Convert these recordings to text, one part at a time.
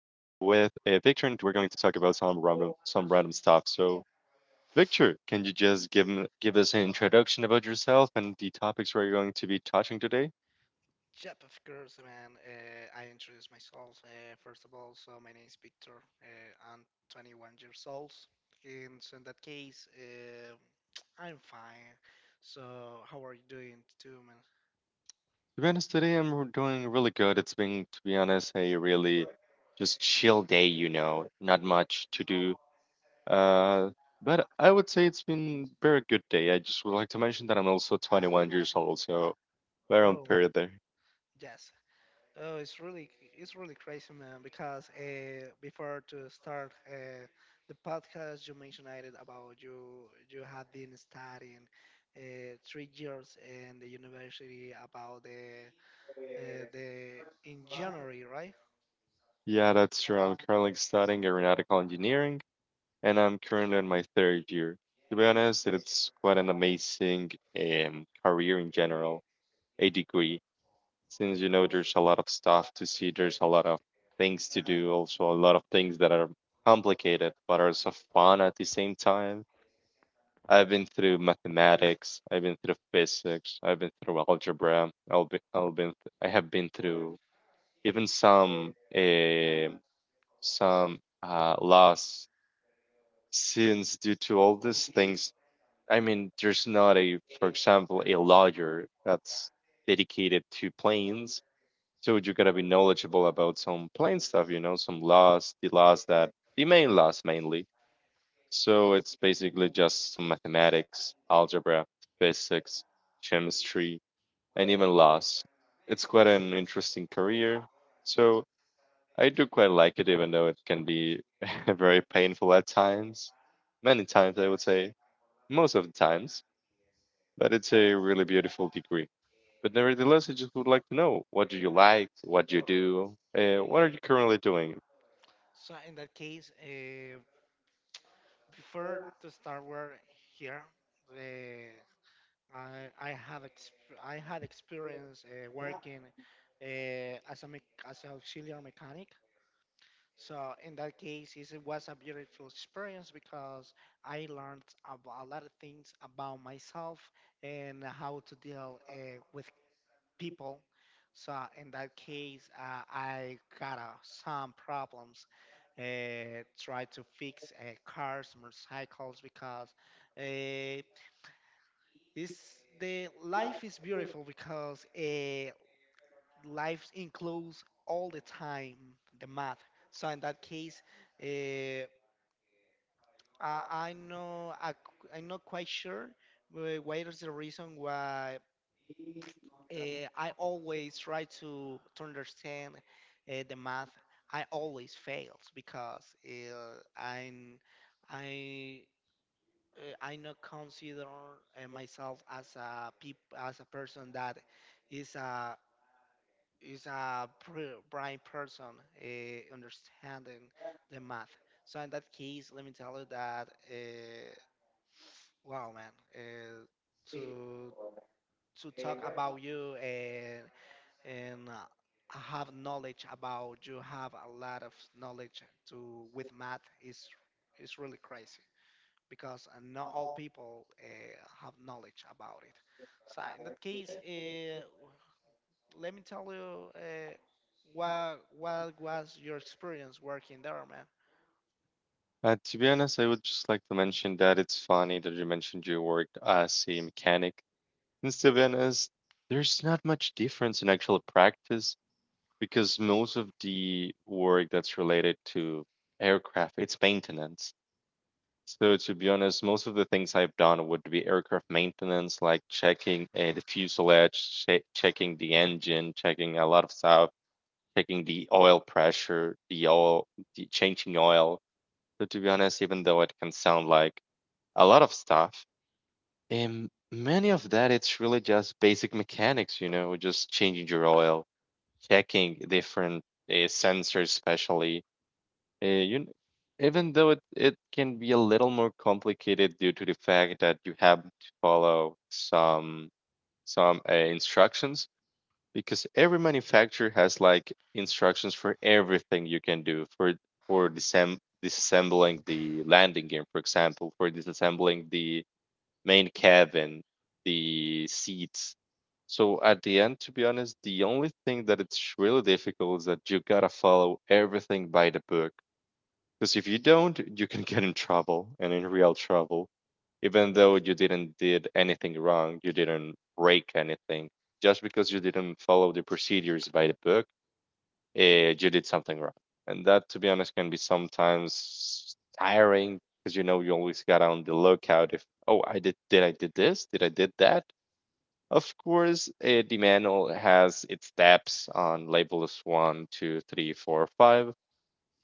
Victor, and we're going to talk about some random stuff. So, Victor, can you just give us an introduction about yourself and the topics we're going to be touching today? Yep, of course, man. I introduce myself first of all. So my name is Victor. I'm 21 years old. And so in that case, I'm fine. So how are you doing too, man? To be honest, today doing really good. It's been, to be honest, a really just chill day. You know, not much to do. Uh, but I would say it's been very good day. I just would like to mention that I'm also 21 years old, so we're on Oh man, period there. yes. Oh, it's really crazy, man. Because before to start the podcast, you mentioned it about you had been studying 3 years in the university about the in January, right? Yeah, that's true. I'm currently studying aeronautical engineering, and I'm currently in my third year. To be honest, it's quite an amazing career in general, a degree, since you know there's a lot of stuff to see, there's a lot of things to do, also a lot of things that are complicated but are so fun at the same time. I've been through mathematics, I've been through physics, I've been through algebra, I have been through even some loss since due to all these things. I mean, there's not a, for example, a lawyer that's dedicated to planes, so you gotta be knowledgeable about some plane stuff, you know, some laws, the laws that the main laws mainly. So it's basically just some mathematics, algebra, physics, chemistry, and even laws. It's quite an interesting career, so I do quite like it, even though it can be very painful at times. Many times, I would say, most of the times, but it's a really beautiful degree. But nevertheless, I just would like to know what do you like, what do you do, what are you currently doing? So in that case, before to start work here, uh, I had experience working uh, as a mech- as an auxiliary mechanic. So in that case, it was a beautiful experience because I learned a lot of things about myself and how to deal with people. So in that case, I got some problems. Try to fix cars, motorcycles because uh, it's the life is beautiful because life includes all the time the math. So in that case, uh, I know I'm not quite sure what is the reason why I always try to understand the math. I always fails because I'm I I not consider myself as a person that is a is a bright person understanding the math. So in that case, let me tell you that wow, man, to to talk about you. And Have knowledge about you, have a lot of knowledge to with math is really crazy because not all people have knowledge about it. So in that case, let me tell you what was your experience working there, man. To be honest, I would just like to mention that it's funny that you mentioned you worked as a mechanic. And to be honest, there's not much difference in actual practice because most of the work that's related to aircraft, it's maintenance. So to be honest, most of the things I've done would be aircraft maintenance, like checking the fuselage, checking the engine, checking a lot of stuff, checking the oil pressure, the oil, the changing oil. So to be honest, even though it can sound like a lot of stuff, many of that it's really just basic mechanics, you know, just changing your oil, checking different sensors, especially uh, you, kn- even though it can be a little more complicated due to the fact that you have to follow some instructions because every manufacturer has like instructions for everything you can do for for disem- disassembling the landing gear, for example, for disassembling the main cabin, the seats. So at the end, to be honest, the only thing that it's really difficult is that you gotta follow everything by the book, because if you don't, you can get in trouble and in real trouble. Even though you didn't did anything wrong, you didn't break anything, just because you didn't follow the procedures by the book, you did something wrong. And that, to be honest, can be sometimes tiring because you know you always got on the lookout if, oh, I did this, did I did that. Of course, the manual has its steps on labels one, two, three, four, five,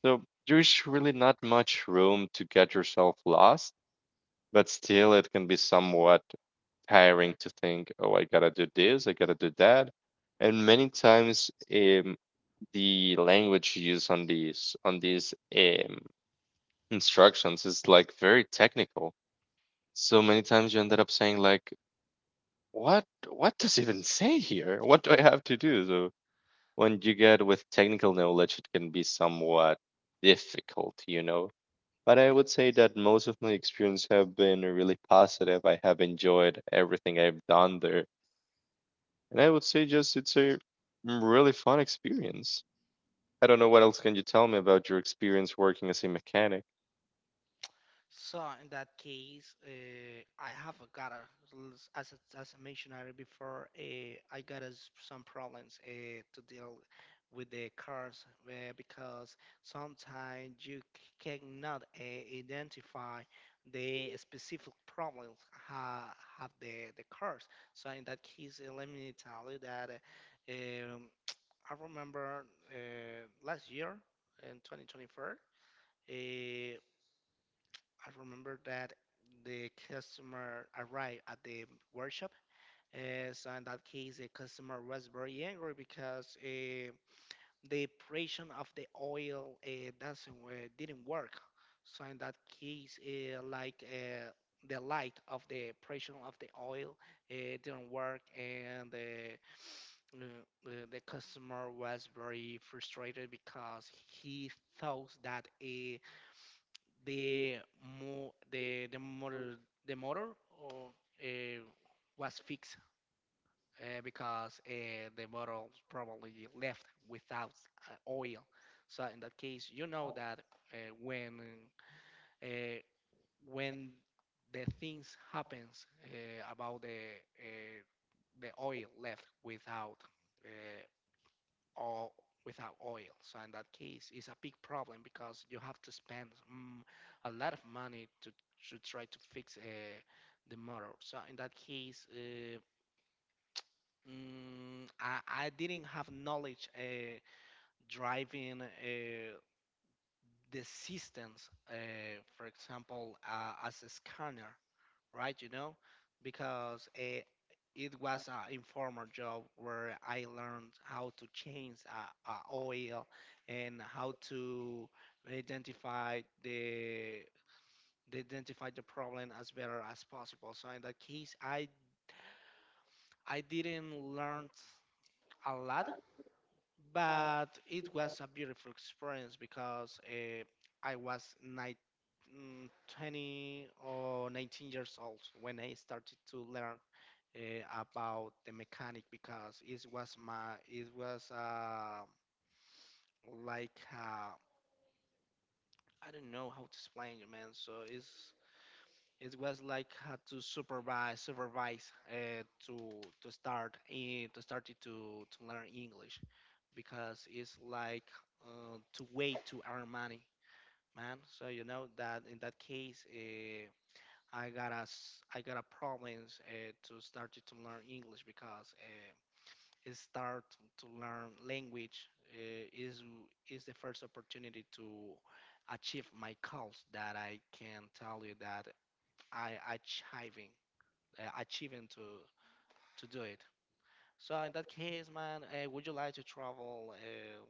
so there's really not much room to get yourself lost, but still it can be somewhat tiring to think, oh, I gotta do this, I gotta do that. And many times the language used on these instructions is like very technical. So many times you ended up saying like, what does it even say here? What do I have to do? So when you get with technical knowledge, it can be somewhat difficult, you know. But I would say that most of my experience have been really positive. I have enjoyed everything I've done there. And I would say just it's a really fun experience. I don't know what else can you tell me about your experience working as a mechanic. So in that case, I have got a, as I mentioned earlier before, I got a s some problems to deal with the cars because sometimes you cannot identify the specific problems ha have the cars. So in that case, let me tell you that I remember last year in 2024. I remember that the customer arrived at the workshop. So in that case, the customer was very angry because the operation of the oil doesn't didn't work. So in that case, the light of the operation of the oil didn't work, and the customer was very frustrated because he thought that the the motor, the motor or uh, was fixed because the motor probably left without oil. So in that case, you know that uh, when uh, when the things happens about the oil left without uh, or without oil. So in that case, it's a big problem because you have to spend mm, a lot of money to try to fix the motor. So in that case, mm, I, I didn't have knowledge driving the systems, for example, as a scanner, right? You know, because it was an informal job where I learned how to change a oil and how to identify the they identify the problem as better as possible. So in that case, I didn't learn a lot, but it was a beautiful experience because I was 19, 20 or 19 years old when I started to learn about the mechanic because it was like uh, I don't know how to explain it, man. So it was like had to supervise to start in to start it to learn English because it's like to wait to earn money, man. So you know that in that case. I got a problems to start to learn English because start to learn language is the first opportunity to achieve my goals, that I can tell you that I achieving achieving to do it. So in that case, man, would you like to travel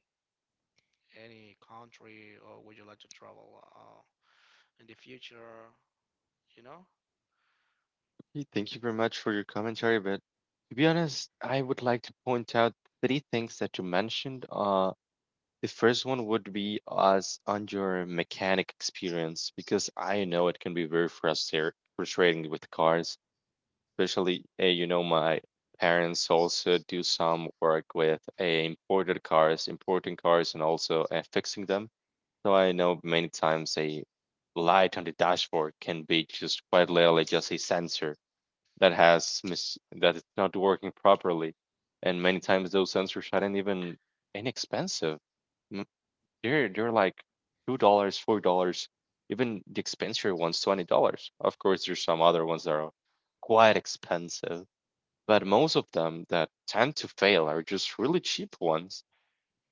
any country, or would you like to travel in the future? You know? Hey, thank you very much for your commentary, but to be honest, I would like to point out three things that you mentioned. The first one would be as on your mechanic experience, because I know it can be very frustrating with cars, especially you know, my parents also do some work with imported cars, importing cars, and also fixing them. So I know many times a light on the dashboard can be just quite literally just a sensor that has that is not working properly, and many times those sensors aren't even inexpensive. M- they're like $2, $4. Even the expensive ones, $20. Of course, there's some other ones that are quite expensive, but most of them that tend to fail are just really cheap ones.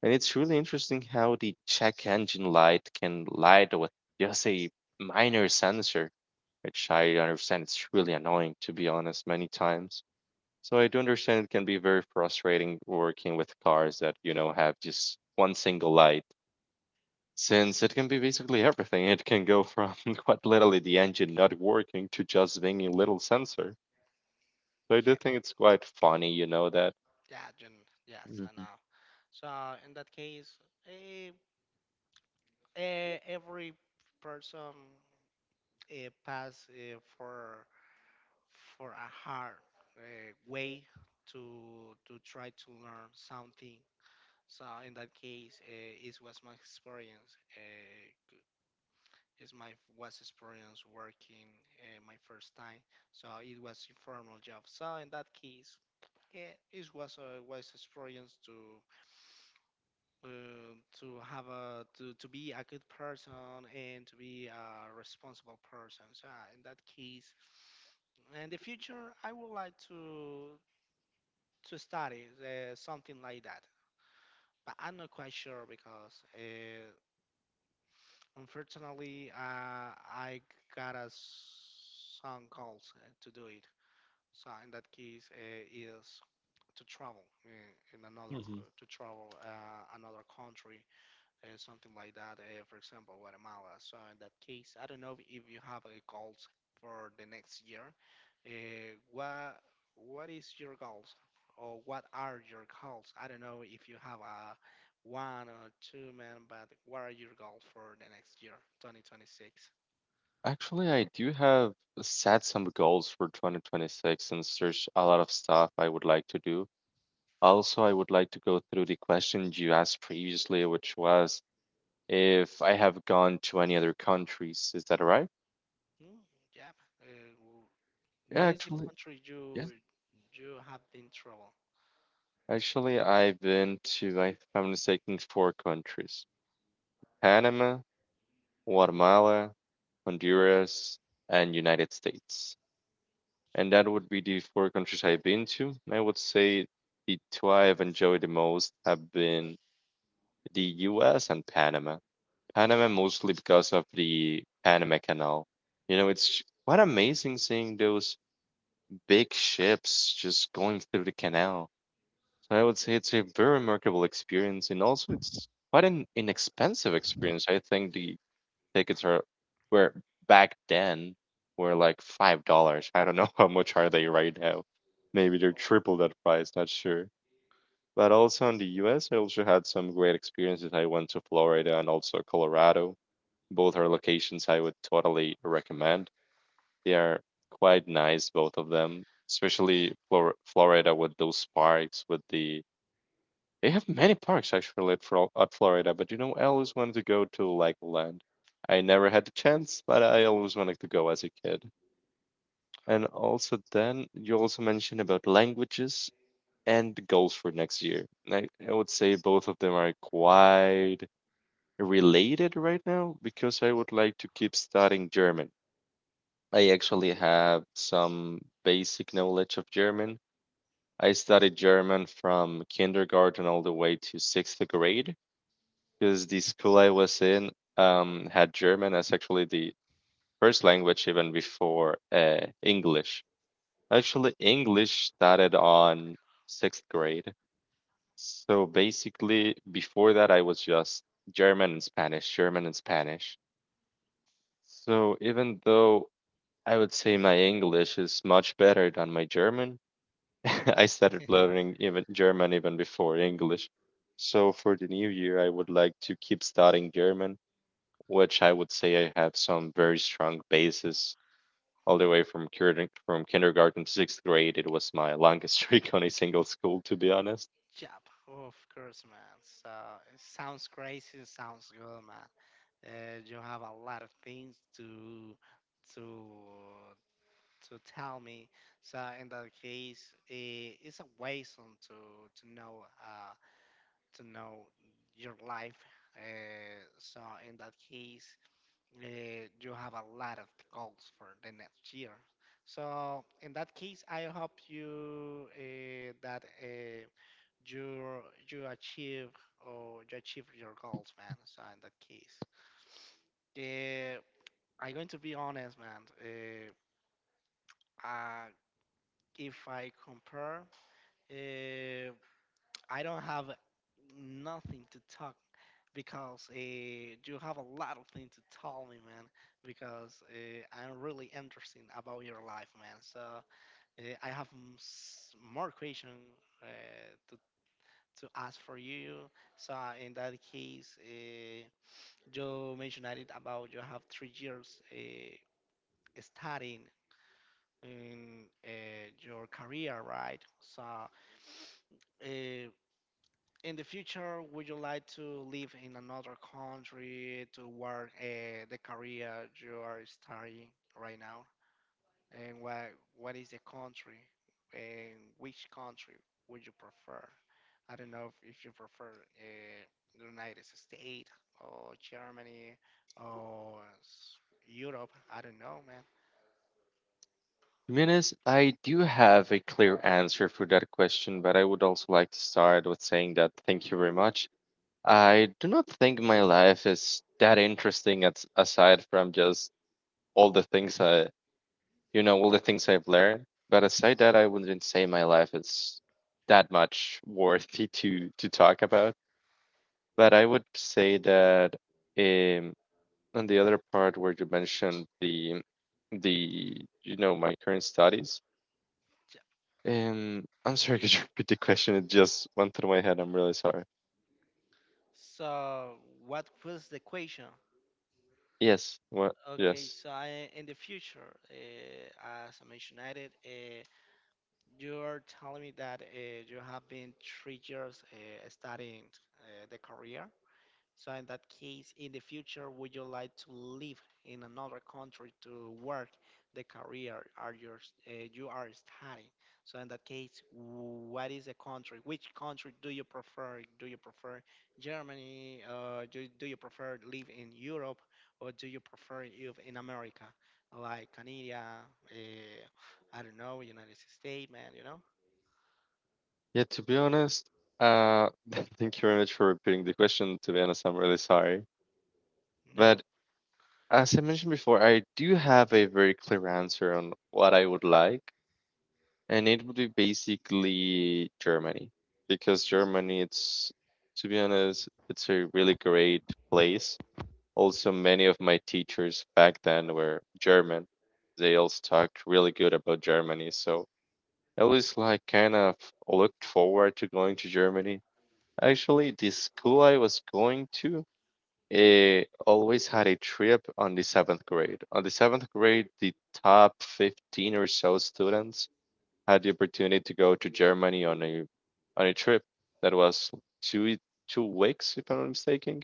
And it's really interesting how the check engine light can light with just a minor sensor, which I understand it's really annoying, to be honest, many times. So I do understand it can be very frustrating working with cars that, you know, have just one single light. Since it can be basically everything, it can go from quite literally the engine not working to just being a little sensor. So I Yeah. do think it's quite funny, you know, that Yes, I Mhm. know. So in that case, eh, every person pass for a hard way to try to learn something. So in that case, it was my experience. It's my was experience working my first time. So it was informal job. So in that case, yeah, it was a wise experience uh, to have to be a good person and to be a responsible person. So in that case, in the future, I would like to study something like that. But I'm not quite sure because unfortunately, I got some calls to do it. So in that case, is to travel Mhm. To travel another country, something like that. For example, Guatemala. So in that case, I don't know if you have a goals for the next year. Uh, what what is your goals or what are your goals? I don't know if you have a one or two, man, but what are your goals for the next year, 2026? Actually, I do have set some goals for 2026 and search a lot of stuff I would like to do. Also, I would like to go through the question you asked previously, which was if I have gone to any other countries. Is that right? Mm, yeah. Uh, w- Yeah, what hmm, is the actually, country yeah. you have been travel? Actually, I've been to, if I'm not mistaken, four countries: Panama, Guatemala, Honduras, and United States, and that would be the four countries I've been to. I would say the two I've enjoyed the most have been the US and Panama. Panama mostly because of the Panama Canal. You know, it's quite amazing seeing those big ships just going through the canal. So I would say it's a very remarkable experience, and also it's quite an inexpensive experience. I think the tickets are were back then were like $5. I don't know how much are they right now. Maybe they're triple that price, not sure. But also in the US, I also had some great experiences. I went to Florida and also Colorado. Both are locations I would totally recommend. They are quite nice, both of them, especially Florida with those parks, with the they have many parks actually at, Florida, but you know, I always wanted to go to Legoland. I never had the chance, but I always wanted to go as a kid. And Oh, also, then you also mentioned about languages and the goals for next year. I would say both of them are quite related right now, because I would like to keep studying German. I actually have some basic knowledge of German. I studied German from kindergarten all the way to sixth grade because the school I was in had German as actually the first language, even before English. Actually, English started on sixth grade. So basically, before that, I was just German and Spanish, German and Spanish. So even though I would say my English is much better than my German, I started learning even German even before English. So for the new year, I would like to keep studying German, which I would say I have some very strong basis all the way from kindergarten to sixth grade. It was my longest streak on a single school, to be honest. Job, of course, man. So it sounds crazy, it sounds good, man. You have a lot of things to to to tell me. So in that case, it's a waste on to know your life. So in that case, you have a lot of goals for the next year. So in that case, I hope you that you you achieve, or you achieve your goals, man. So in that case, eh, I'm going to be honest, man. Uh, if I compare, uh, I don't have nothing to talk because you have a lot of things to tell me, man. Because I'm really interested about your life, man. So I have m- s- more question uh, to to ask for you. So in that case, you mentioned it about you have 3 years studying in your career, right? So, in the future, would you like to live in another country to work the career you are studying right now? And what is the country? And which country would you prefer? I don't know if you prefer uh, the United States or Germany or s- Europe. I don't know, man. To be honest, I do have a clear answer for that question, but I would also like to start with saying that thank you very much. I do not think my life is that interesting as, aside from just all the things you know, all the things I've learned. But aside that, I wouldn't say my life is that much worthy to talk about. But I would say that um, on the other part where you mentioned the, you know, my current studies. Ch- I'm sorry, could you repeat the question? It just went through my head. I'm really sorry. So, what was the question? Yes. What? Okay, Yes. so I, in the future, as I mentioned, you are telling me that you have been 3 years studying the career. So in that case, in the future, would you like to live in another country to work the career are your, you are studying? So in that case, what is the country? Which country do you prefer? Do you prefer Germany? Do you prefer live in Europe, or do you prefer live in America, like Canada? I don't know, United States, man. You know? Yeah. To be honest, uh, thank you very much for repeating the question. To be honest, I'm really sorry. No. But as I mentioned before, I do have a very clear answer on what I would like. And it would be basically Germany, because Germany it's, to be honest, it's a really great place. Also, many of my teachers back then were German. They also talked really good about Germany, so I was like kind of looked forward to going to Germany. Actually, the school I was going to, it always had a trip on the seventh grade. On the seventh grade, the top 15 or so students had the opportunity to go to Germany on a trip that was two we- 2 weeks, if I'm not mistaken.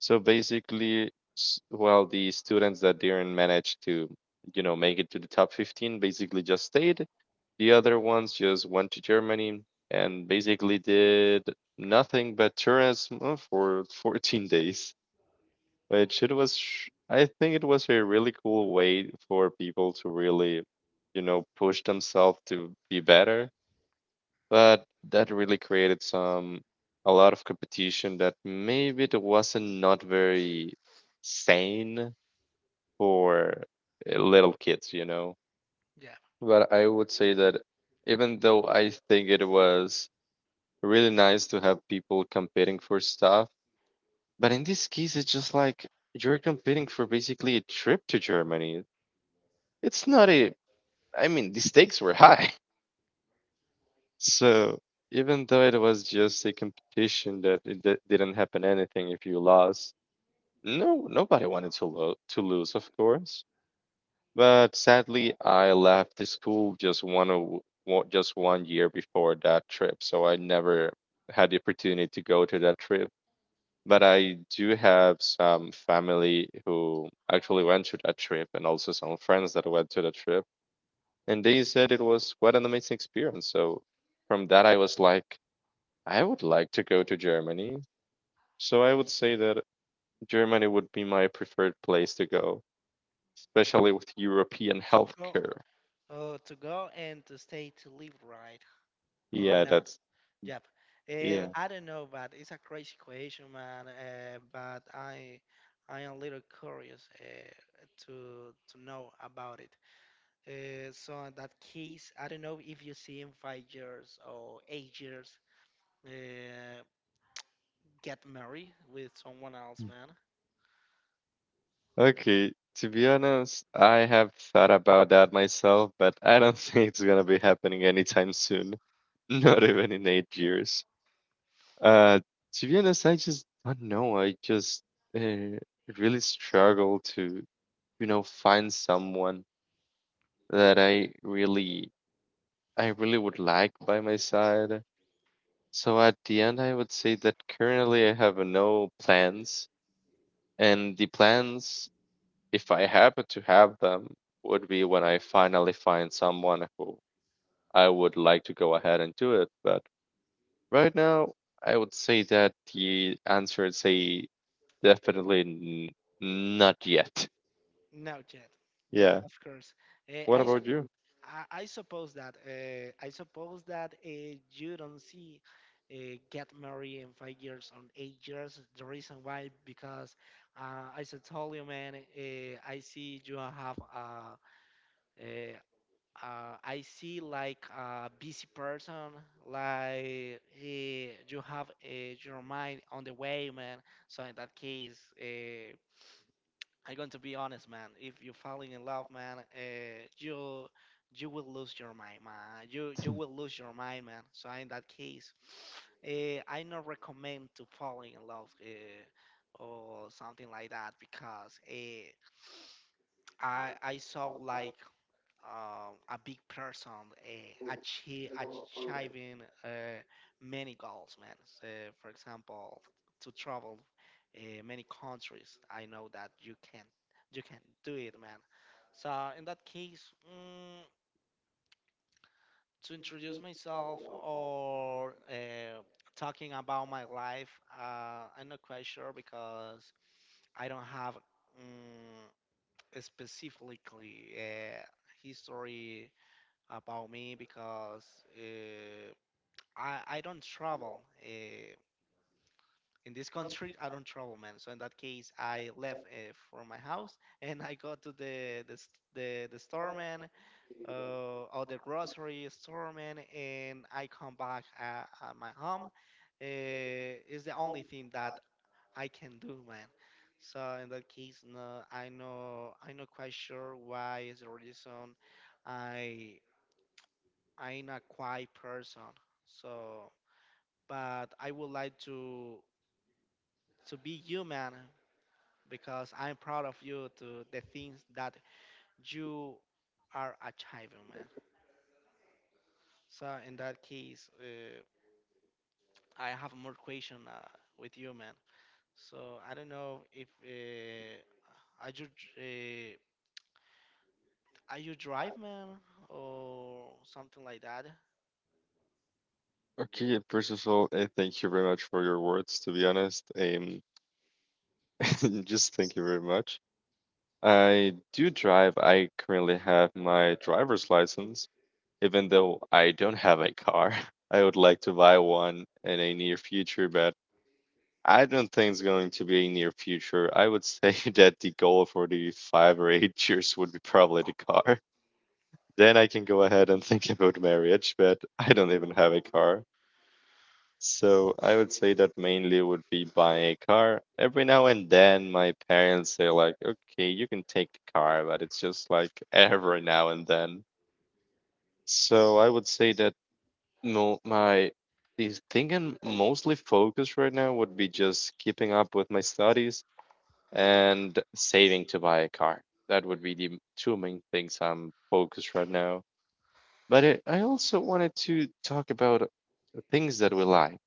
So basically, well, the students that didn't manage to make it to the top 15 basically just stayed. The other ones just went to Germany and basically did nothing but tourism for 14 days, To, which it was. I think it was a really cool way for people to really, you know, push themselves to be better, but that really created some a lot of competition that maybe it wasn't not very sane for little kids, you know. yeah. But I would say that even though I think it was really nice to have people competing for stuff, but in this case, it's just like you're competing for basically a trip to Germany. It's not a, I mean, the stakes were high. So even though it was just a competition that didn't happen anything if you lost, no nobody wanted to to lose, of course. But sadly, I left the school just just one year before that trip, so I never had the opportunity to go to that trip. But I do have some family who actually went to that trip, and also some friends that went to the trip, and they said it was quite an amazing experience. So from that, I was like, I would like to go to Germany. So I would say that Germany would be my preferred place to go, especially with European To go, healthcare. To go and to stay to live, right? Or Yeah, no? that's Yep. And yeah. I don't know, but it's a crazy question, man. I am a little curious to know about it. So in that case, I don't know if you see in 5 years or 8 years, uh, get married with someone else, man. Okay, to be honest, I have thought about that myself, but I don't think it's gonna be happening anytime soon. Not even in 8 years. Uh, to be honest, I just don't know. I just uh, really struggle to, you know, find someone that I really would like by my side. So at the end, I would say that currently I have no plans, and the plans, if I happen to have them, would be when I finally find someone who I would like to go ahead and do it. But right now, I would say that the answer is a definitely not yet. No, yet. Yeah, Yeah. of course. What I suppose. about you? I suppose that you don't see get married in 5 years or 8 years. The reason why because as I told you, man, I see you have uh, uh, I see like a busy person, like you have your mind on the way, man. So in that case, I'm going to be honest, man. If you're falling in love, man, you will lose your mind, man. You will lose your mind, man. So in that case, I not recommend to falling in love or something like that because I saw like a big person achieving many goals, man. So, for example, to travel many countries, I know that you can do it, man. So in that case, to introduce myself or talking about my life, I'm not quite sure because I don't have specifically history about me because uh, I don't travel. Uh, in this country, I don't travel, man. So in that case, I left from my house and I go to the store, man, or the grocery store, man, and I come back at my home. Is the only thing that I can do, man. So in that case, no, I know quite sure why is the reason I I'm a quiet person, so but I would like to be human because I'm proud of you to the things that you are achieving, man. So in that case, I have more question with you, man. So I don't know if are you dr- uh, are you drive, man, or something like that. Okay, first of all, thank you very much for your words, to be honest. Just thank you very much. I do drive. I currently have my driver's license, even though I don't have a car. I would like to buy one in a near future, but I don't think it's going to be a near future. I would say that the goal for the 5 or 8 years would be probably the car. Then I can go ahead and think about marriage, but I don't even have a car. So I would say that mainly would be buying a car. Every now and then my parents say like, okay, you can take the car, but it's just like every now and then. So I would say that mo my the thing I'm mostly focused right now would be just keeping up with my studies and saving to buy a car. That would be the two main things I'm focused right now. But I also wanted to talk about things that we like.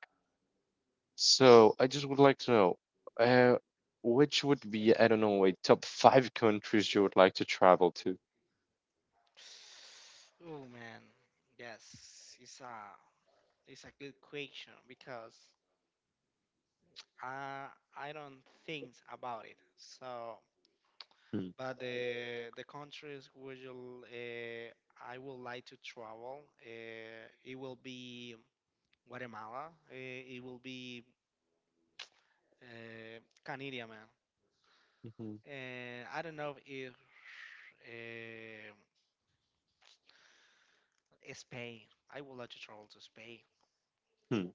So I just would like to know, uh, which would be, I don't know, a top five countries you would like to travel to? Oh man, yes, it's a good question because I I don't think about it. So, Hmm, but the countries which you I would like to travel, it will be Guatemala. It will be uh, Canada, man. mhm, And I don't know if uh, Spain. I would like to travel to Spain. hmm,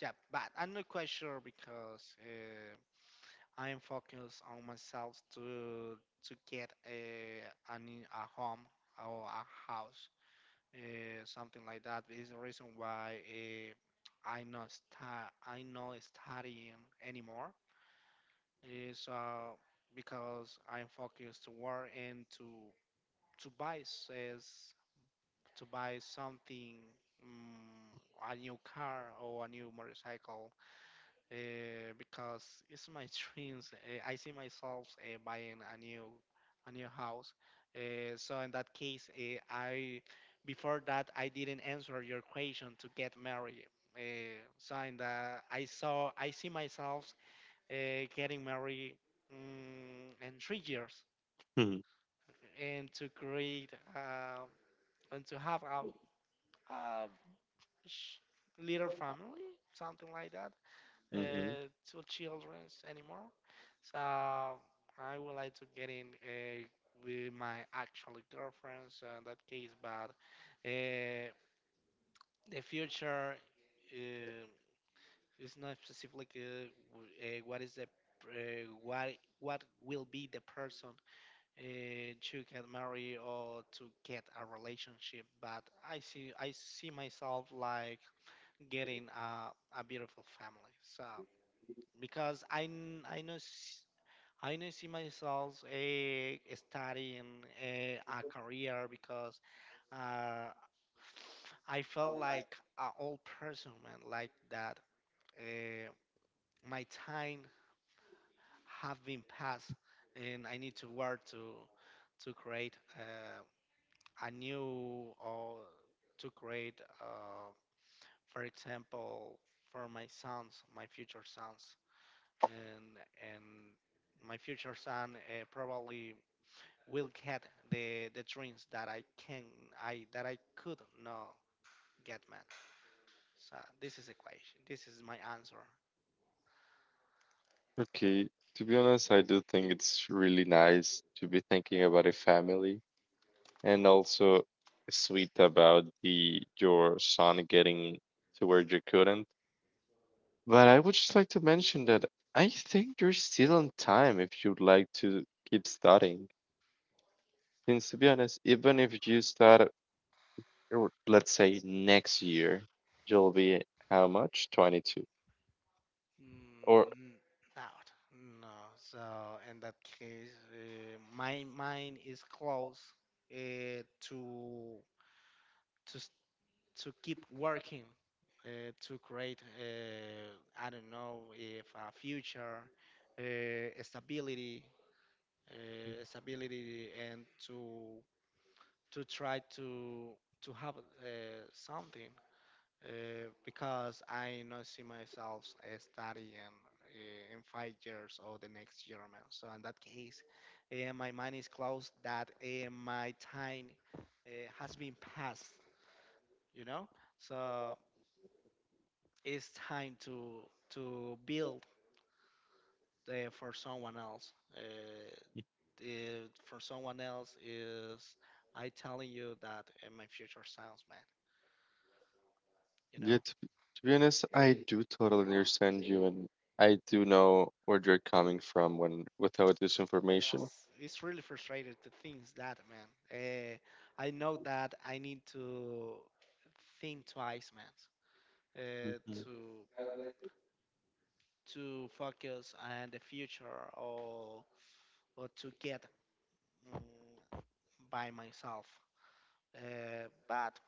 Yeah, but I'm not quite sure because. I am focused on myself to get a, a home or a house, something like that. Is the reason why I not sta- I not studying anymore. So because I am focused to work and to buy says to buy something, mm a new car or a new motorcycle uh, because it's my dreams. I see myself buying a new house. So in that case, I before that I didn't answer your question to get married. Uh, so in the, I see myself getting married mm in 3 years hmm, and to create uh, and to have a sh- little family, something like that. mhm. Uh, to children anymore. So I would like to get in with my actual girlfriend, so in that case, but uh, the future uh, is not specific what what will be the person uh, to get married or to get a relationship but I see myself like getting a beautiful family so because I n- I know s- I know see myself studying a career because uh, I felt like an old person, man, like that. Uh, my time have been passed, and I need to work to create a new or to create, for example, for my sons, my future sons. and and my future son probably will get the dreams that I can I that I could not get, man. So this is the question. This is my answer. Okay. To be honest, I do think it's really nice to be thinking about a family and also sweet about the your son getting to where you couldn't. But I would just like to mention that I think you're still on time if you'd like to keep studying. Since to be honest, even if you start or let's say next year, you'll be how much, 22 or Mm, doubt. No. So in that case, my mind is close uh, to to s- to keep working to create. I don't know if a future uh, stability uh, stability and to try to have something because I not see myself studying in 5 years or the next year, man. So in that case, my mind is closed that my time has been passed, you know. So it's time to build for someone else. For someone else is I telling you that my future sounds, man. You yeah know, to be honest, I do totally understand you, and I do know where you're coming from when without this information. it's really frustrated to things that, man. I know that I need to think twice, man. Uh, Mhm. to to focus on the future or or to get mm, by myself. But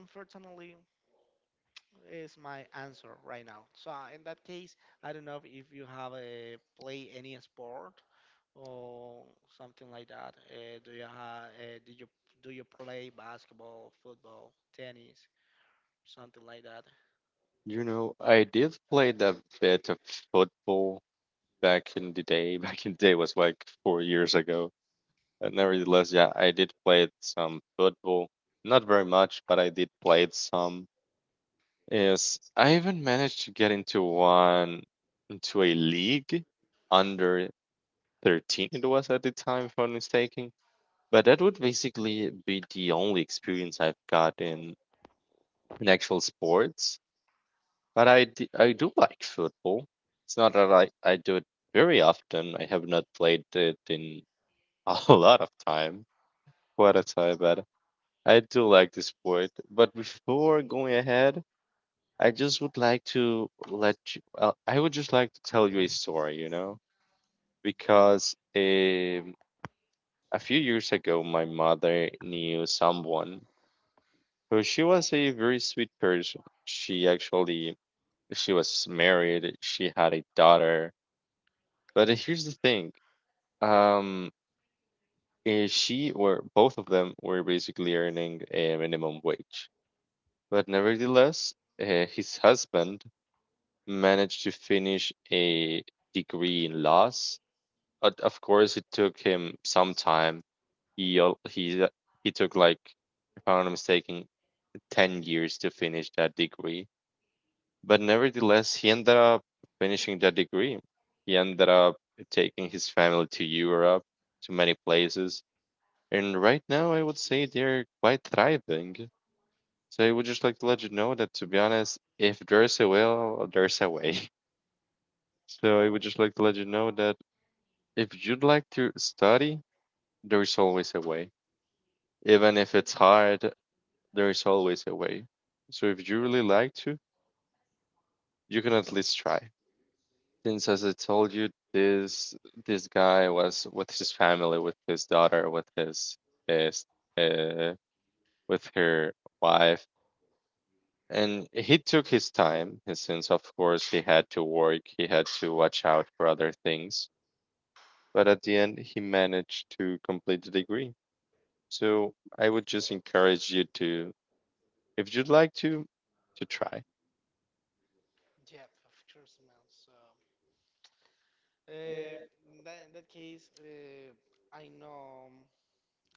unfortunately, is my answer right now. So in that case, I don't know if you have a play any sport or something like that. Do you have? Did you Do you play basketball, football, tennis, something like that? You know, I did play a bit of football back in the day. Back in the day was like 4 years ago, but nevertheless, yeah, I did play some football. Not very much, but I did play it some. Yes, I even managed to get into one, into a league under 13 it was at the time, if I'm not mistaken. But that would basically be the only experience I've got in actual sports. But I do like football. It's not that I do it very often. I have not played it in a lot of time, quite a time, but I do like the sport. But before going ahead, I just would like to let you, I would just like to tell you a story, you know, because a few years ago, my mother knew someone who, she was a very sweet person. She was married, she had a daughter. But here's the thing, um, she or both of them were basically earning a minimum wage. But nevertheless, his husband managed to finish a degree in laws. But of course, it took him some time. He al- he took like, if I'm not mistaken, 10 years to finish that degree. But nevertheless, he ended up finishing that degree. He ended up taking his family to Europe, to many places, and right now I would say they're quite thriving. So I would just like to let you know that, to be honest, if there's a will, there's a way. So Oh, I would just like to let you know that if you'd like to study, there is always a way. Even if it's hard, there is always a way. So if you really like to, you can at least try. Since as I told you, this guy was with his family, with his daughter, with his uh, with her wife, and he took his time. And since of course he had to work, he had to watch out for other things. But at the end, he managed to complete the degree. So I would just encourage you to, if you'd like to try. yeah, of course, man. So, Uh, in that case, I know.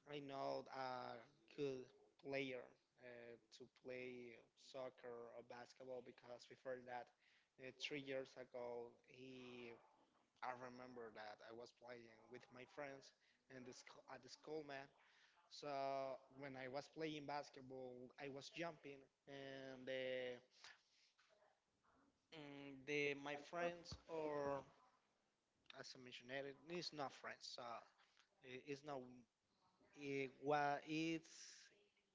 I know a good player to play soccer or basketball because before that, 3 years ago, he I remember that I was playing with my friends and at the school, man. So when I was playing basketball, I was jumping, and the my friends or as I mentioned, it is not friends. So I- it's not it, wa it's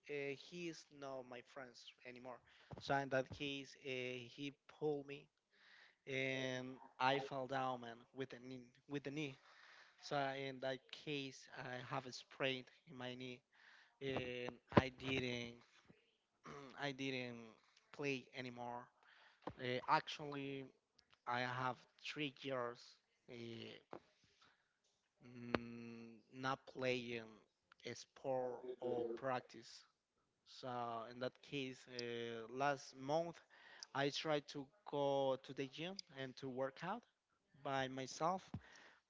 he is not my friends anymore. So in that case, he pulled me and I fell down, man, with the knee, with the knee. So in that case, I have a sprain in my knee, and I didn't, I didn't play anymore. Actually, I have 3 years uh, mm, not playing a sport or practice. So in that case, last month I tried to go to the gym and to work out by myself,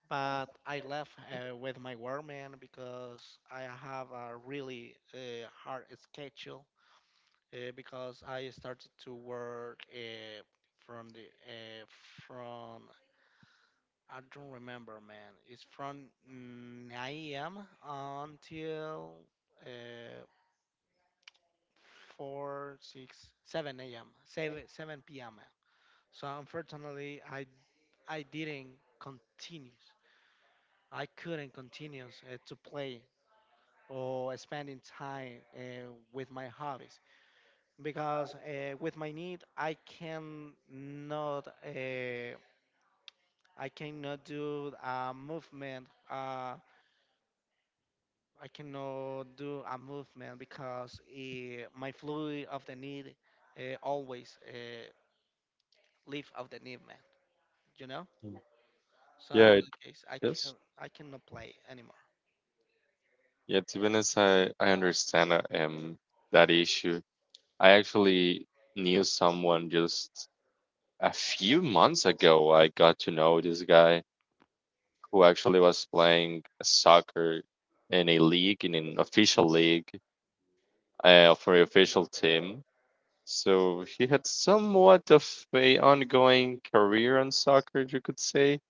but I left with my workman because I have a really hard schedule because I started to work from the uh, from I don't remember, man. It's from 9 a.m. until uh, four, six, seven a.m. seven seven p.m. So unfortunately, I didn't continue. I couldn't continue to play or spending time with my hobbies because with my need I can not I cannot do a movement. I cannot do a movement because my fluid of the need always leave of the need. You know. So Yeah, in it that case, is. I cannot play anymore. Yeah, to be honest, I understand that issue. I actually knew someone just a few months ago. I got to know this guy who actually was playing soccer in a league, in an official league, for an official team. So he had somewhat of a ongoing career in soccer, you could say,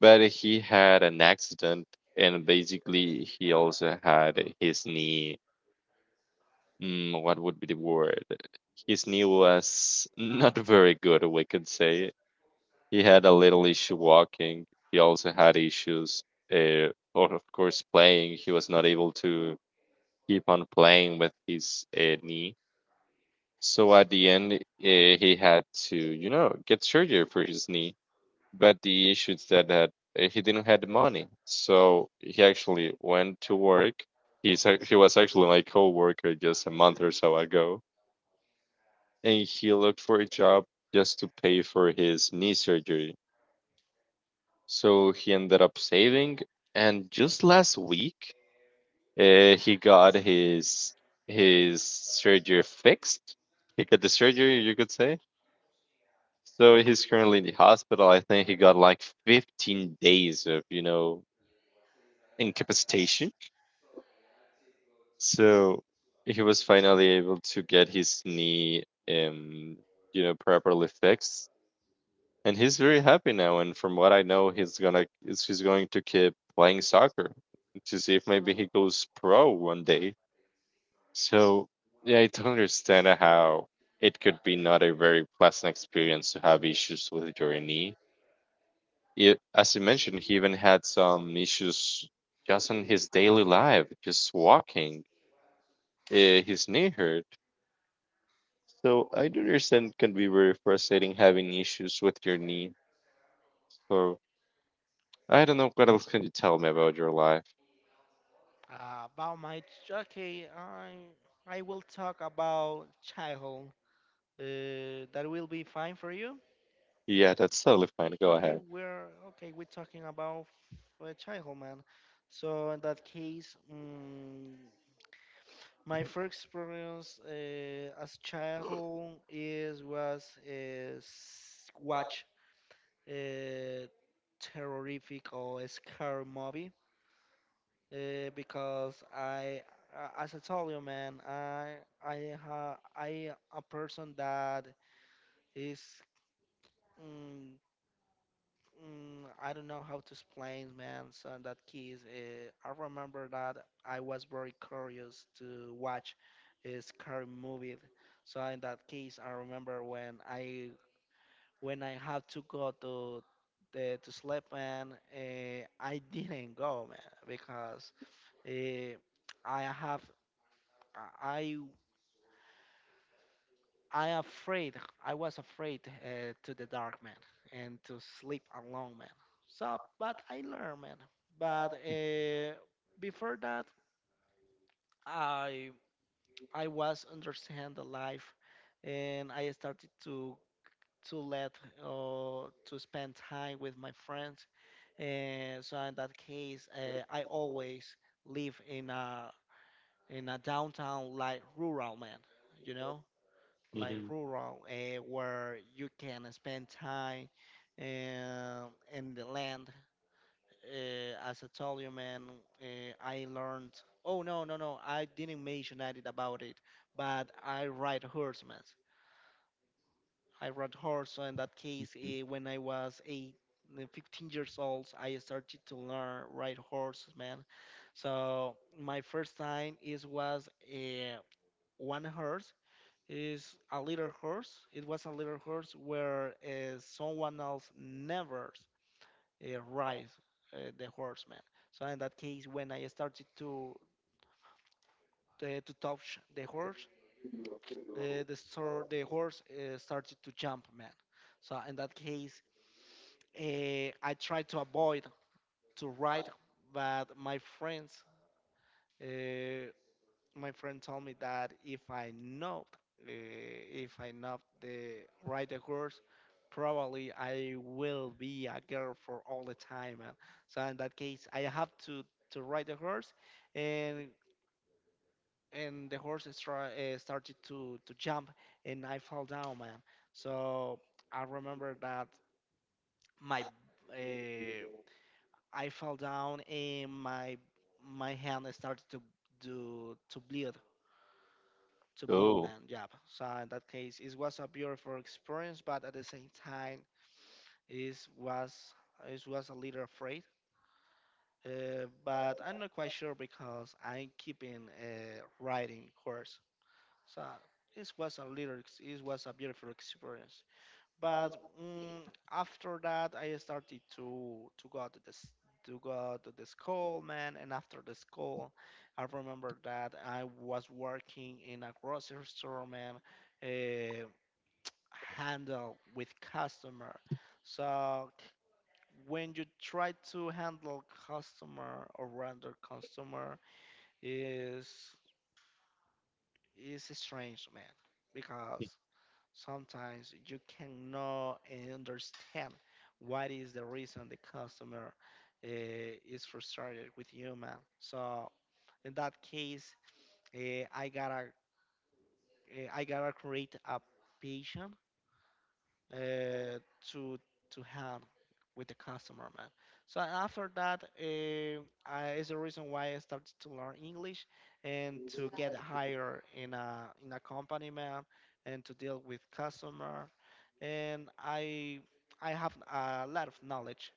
but he had an accident, and basically he also had his knee. Mm, what would be the word? His knee was not very good, we could say. He had a little issue walking. He also had issues, uh, or of course, playing. He was not able to keep on playing with his knee. So at the end, he had to, you know, get surgery for his knee. But the issues that, he didn't have the money. So he actually went to work. He was actually my coworker just a month or so ago, and he looked for a job just to pay for his knee surgery. So he ended up saving, and just last week, he got his surgery fixed. He got the surgery, you could say. So he's currently in the hospital. I think he got like 15 days of you know incapacitation. So he was finally able to get his knee you know properly fixed, and he's very happy now. And from what I know, he's gonna is he's going to keep playing soccer to see if maybe he goes pro one day. So yeah, I don't understand how it could be not a very pleasant experience to have issues with your knee. It, as you mentioned, he even had some issues just in his daily life, just walking. His knee hurt. So I do understand it can be very frustrating having issues with your knee. So I don't know what else can you tell me about your life. About my ch- okay, I will talk about childhood. That will be fine for you. Yeah, that's totally fine. Go ahead. Okay. We're talking about childhood, man. So in that case, mm, my first experience as childhood is was s- watch uh, terrific or scary movie because I, as I told you, man, I a person that is mm, I don't know how to explain, man. So that kids, I remember that I was very curious to watch a scary movie. So in that case, I remember when I had to go to the, to sleep, man, I didn't go, man, because. Uh, I have I I afraid I was afraid to the dark man and to sleep alone man. So but I learned man. But before that I I was understand the life and I started to let to spend time with my friends. And so in that case I always live in a downtown like rural man, you know like Hmm. rural, where you can spend time uh, in the land. As I told you, man, uh, I learned. Oh no, no, no! I didn't mention that it about it, but I ride horsemen. I rode horse. So in that case, Mhm. When I was eight, 15 years old, I started to learn ride horses, man. So my first time is was one horse is a little horse. It was a little horse where someone else never rides the horseman. So in that case, when I started to touch the horse, the horse started to jump, man. So in that case, I tried to avoid to ride, but my friends. Uh, my friend told me that uh, if I know the ride the horse, probably I will be a girl for all the time. And so in that case, I have to ride the horse, and and the horse started to jump, and I fall down, man. So I remember that my uh, I fell down and my hand started to bleed to Blue Cool. Man. Yeah. So in that case, it was a beautiful experience, but at the same time, it was it was a little afraid. But I'm not quite sure because I'm keeping a riding horse. So it was a beautiful experience. But mm, after that, I started to go to the school, man. And after the school, I remember that I was working in a grocery store, man, eh, handle with customer. So when you try to handle customer or render customer is is strange, man, because sometimes you cannot understand what is the reason the customer uh, is frustrated with you, man. So in that case, uh, I gotta I gotta create a patient uh, to to have with the customer, man. So after that, is the reason why I started to learn English and to get hired in a company, man, and to deal with customer. And I have a lot of knowledge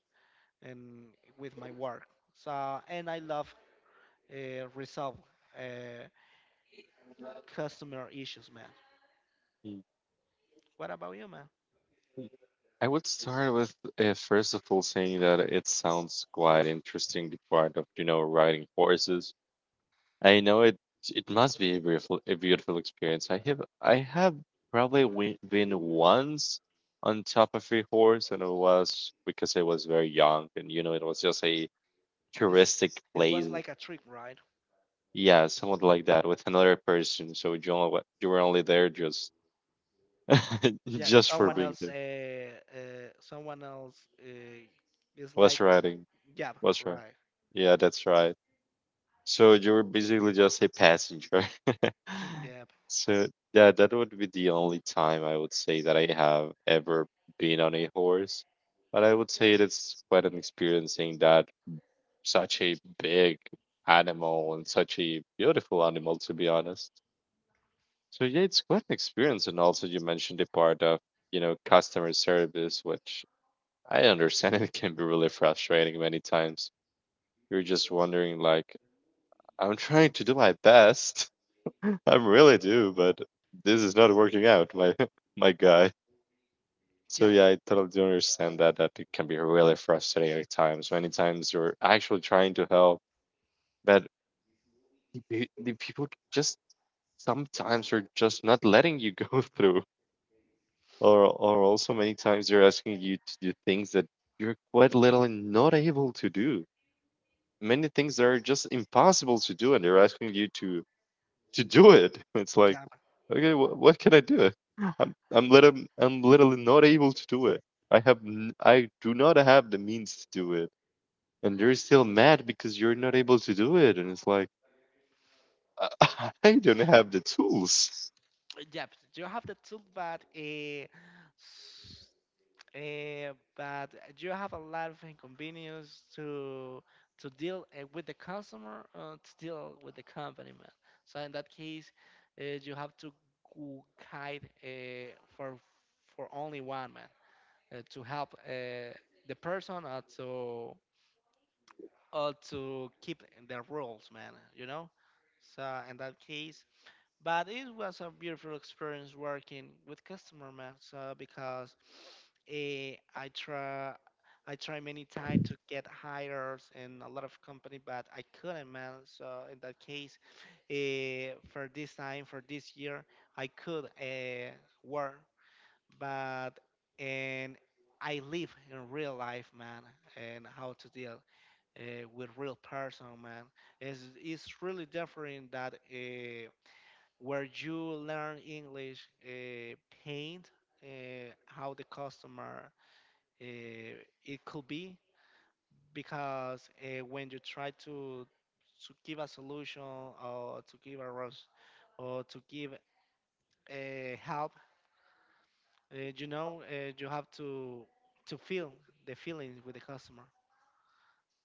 and with my work. So and I love resolve uh, customer issues, man. Mhm. What about you, man? I would start with first of all saying that it sounds quite interesting, the part of you know riding horses. I know it. It must be a beautiful experience. I have been once on top of a horse, and it was because I was very young, and you know, it was just a This touristic it place. was like a trip, right? Yeah, somewhat like that with another person. So you only, you were only there just, Yeah just for being there. Uh someone else is Was like riding. yep Was right. right Yeah, that's right. So you were basically just a passenger. yep So yeah, that would be the only time I would say that I have ever been on a horse. But I would say it's quite an experience seeing that such a big animal and such a beautiful animal, to be honest. So yeah, it's quite an experience. And also you mentioned the part of, customer service, which I understand it can be really frustrating many times. You're just wondering like, I'm trying to do my best. I really do, but this is not working out, my my guy. So yep yeah, I totally do understand that it can be really frustrating at times. Many times you're actually trying to help, but the people just sometimes are just not letting you go through, or also many times they're asking you to do things that you're quite literally not able to do. Many things that are just impossible to do, and they're asking you to do it. It's like, yep okay, what can I do? I'm literally not able to do it. I have I do not have the means to do it, and you're still mad because you're not able to do it. And it's like I don't have the tools. yep yep you have the tool but s- but you have a lot of inconvenience to deal with the customer to deal with the company man so in that case you have to go guide for for only one man to help the person or to keep the rules, man. You know, so in that case, but it was a beautiful experience working with customer, man. So because eh, I try, I try many times to get hires in a lot of company, but I couldn't, man. So in that case, for this year, I could work, but and I live in real life, man, and how to deal uh, with real person, man. It's really different that where you learn English, paint how the customer uh, it could be, because when you try to give a solution or to give a res- or to give help, you know, you have to feel the feelings with the customer.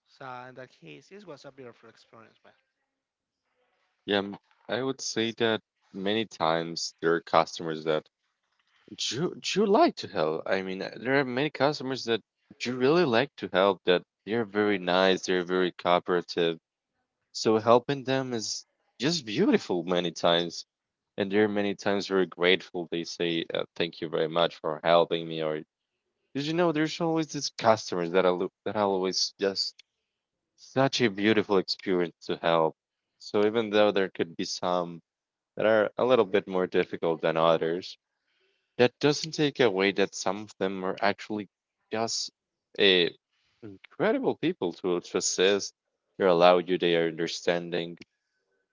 So in that case, it was a beautiful experience, Yeah, I would say that many times there are customers that you like to help. I mean, there are many customers that you really like to help, that they're very nice, they're very cooperative. So helping them is just beautiful many times. And there are many times we're grateful. They say, "Thank you very much for helping me." Or did you know there's always these customers that are always just such a beautiful experience to help. So even though there could be some that are a little bit more difficult than others, that doesn't take away that some of them are actually just a incredible people to assist. They allow you, they are understanding.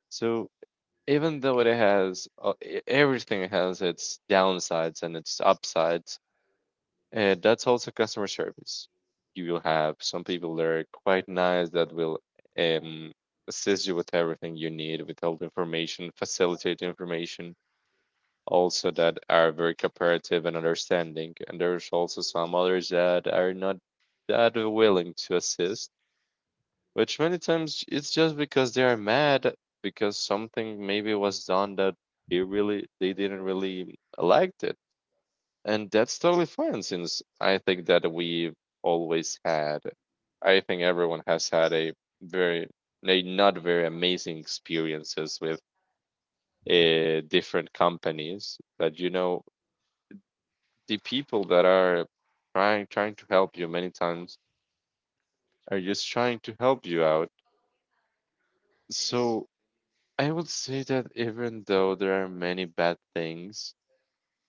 So even though it has everything has its downsides and its upsides, and that's also customer service, you will have some people that are quite nice that will um, assist you with everything you need, with all the information, facilitate information, also that are very cooperative and understanding, and there's also some others that are not that willing to assist, which many times it's just because they are mad because something maybe was done that they didn't really liked it. And that's totally fine, since I think that we always had, I think everyone has had a very, a not very amazing experiences with different companies. But you know, the people that are trying to help you many times are just trying to help you out. So I would say that even though there are many bad things,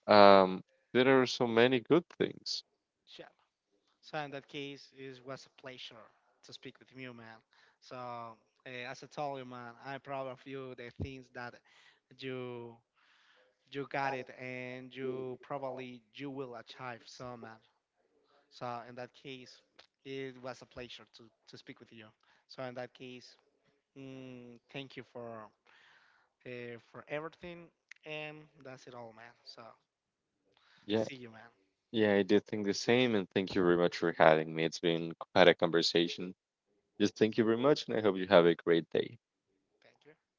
um, there are so many good things. man. So in that case, it was a pleasure to speak with you, man. So as I told you, man, I'm proud of you. The things that you you got it, and you will achieve, so man. So in that case, it was a pleasure to speak with you. So in that case, mm, thank you for everything, and that's it all, man. So Yeah, see you, man. yeah, I did think the same, and thank you very much for having me. It's been quite a conversation. Just thank you very much, and I hope you have a great day. Thank you.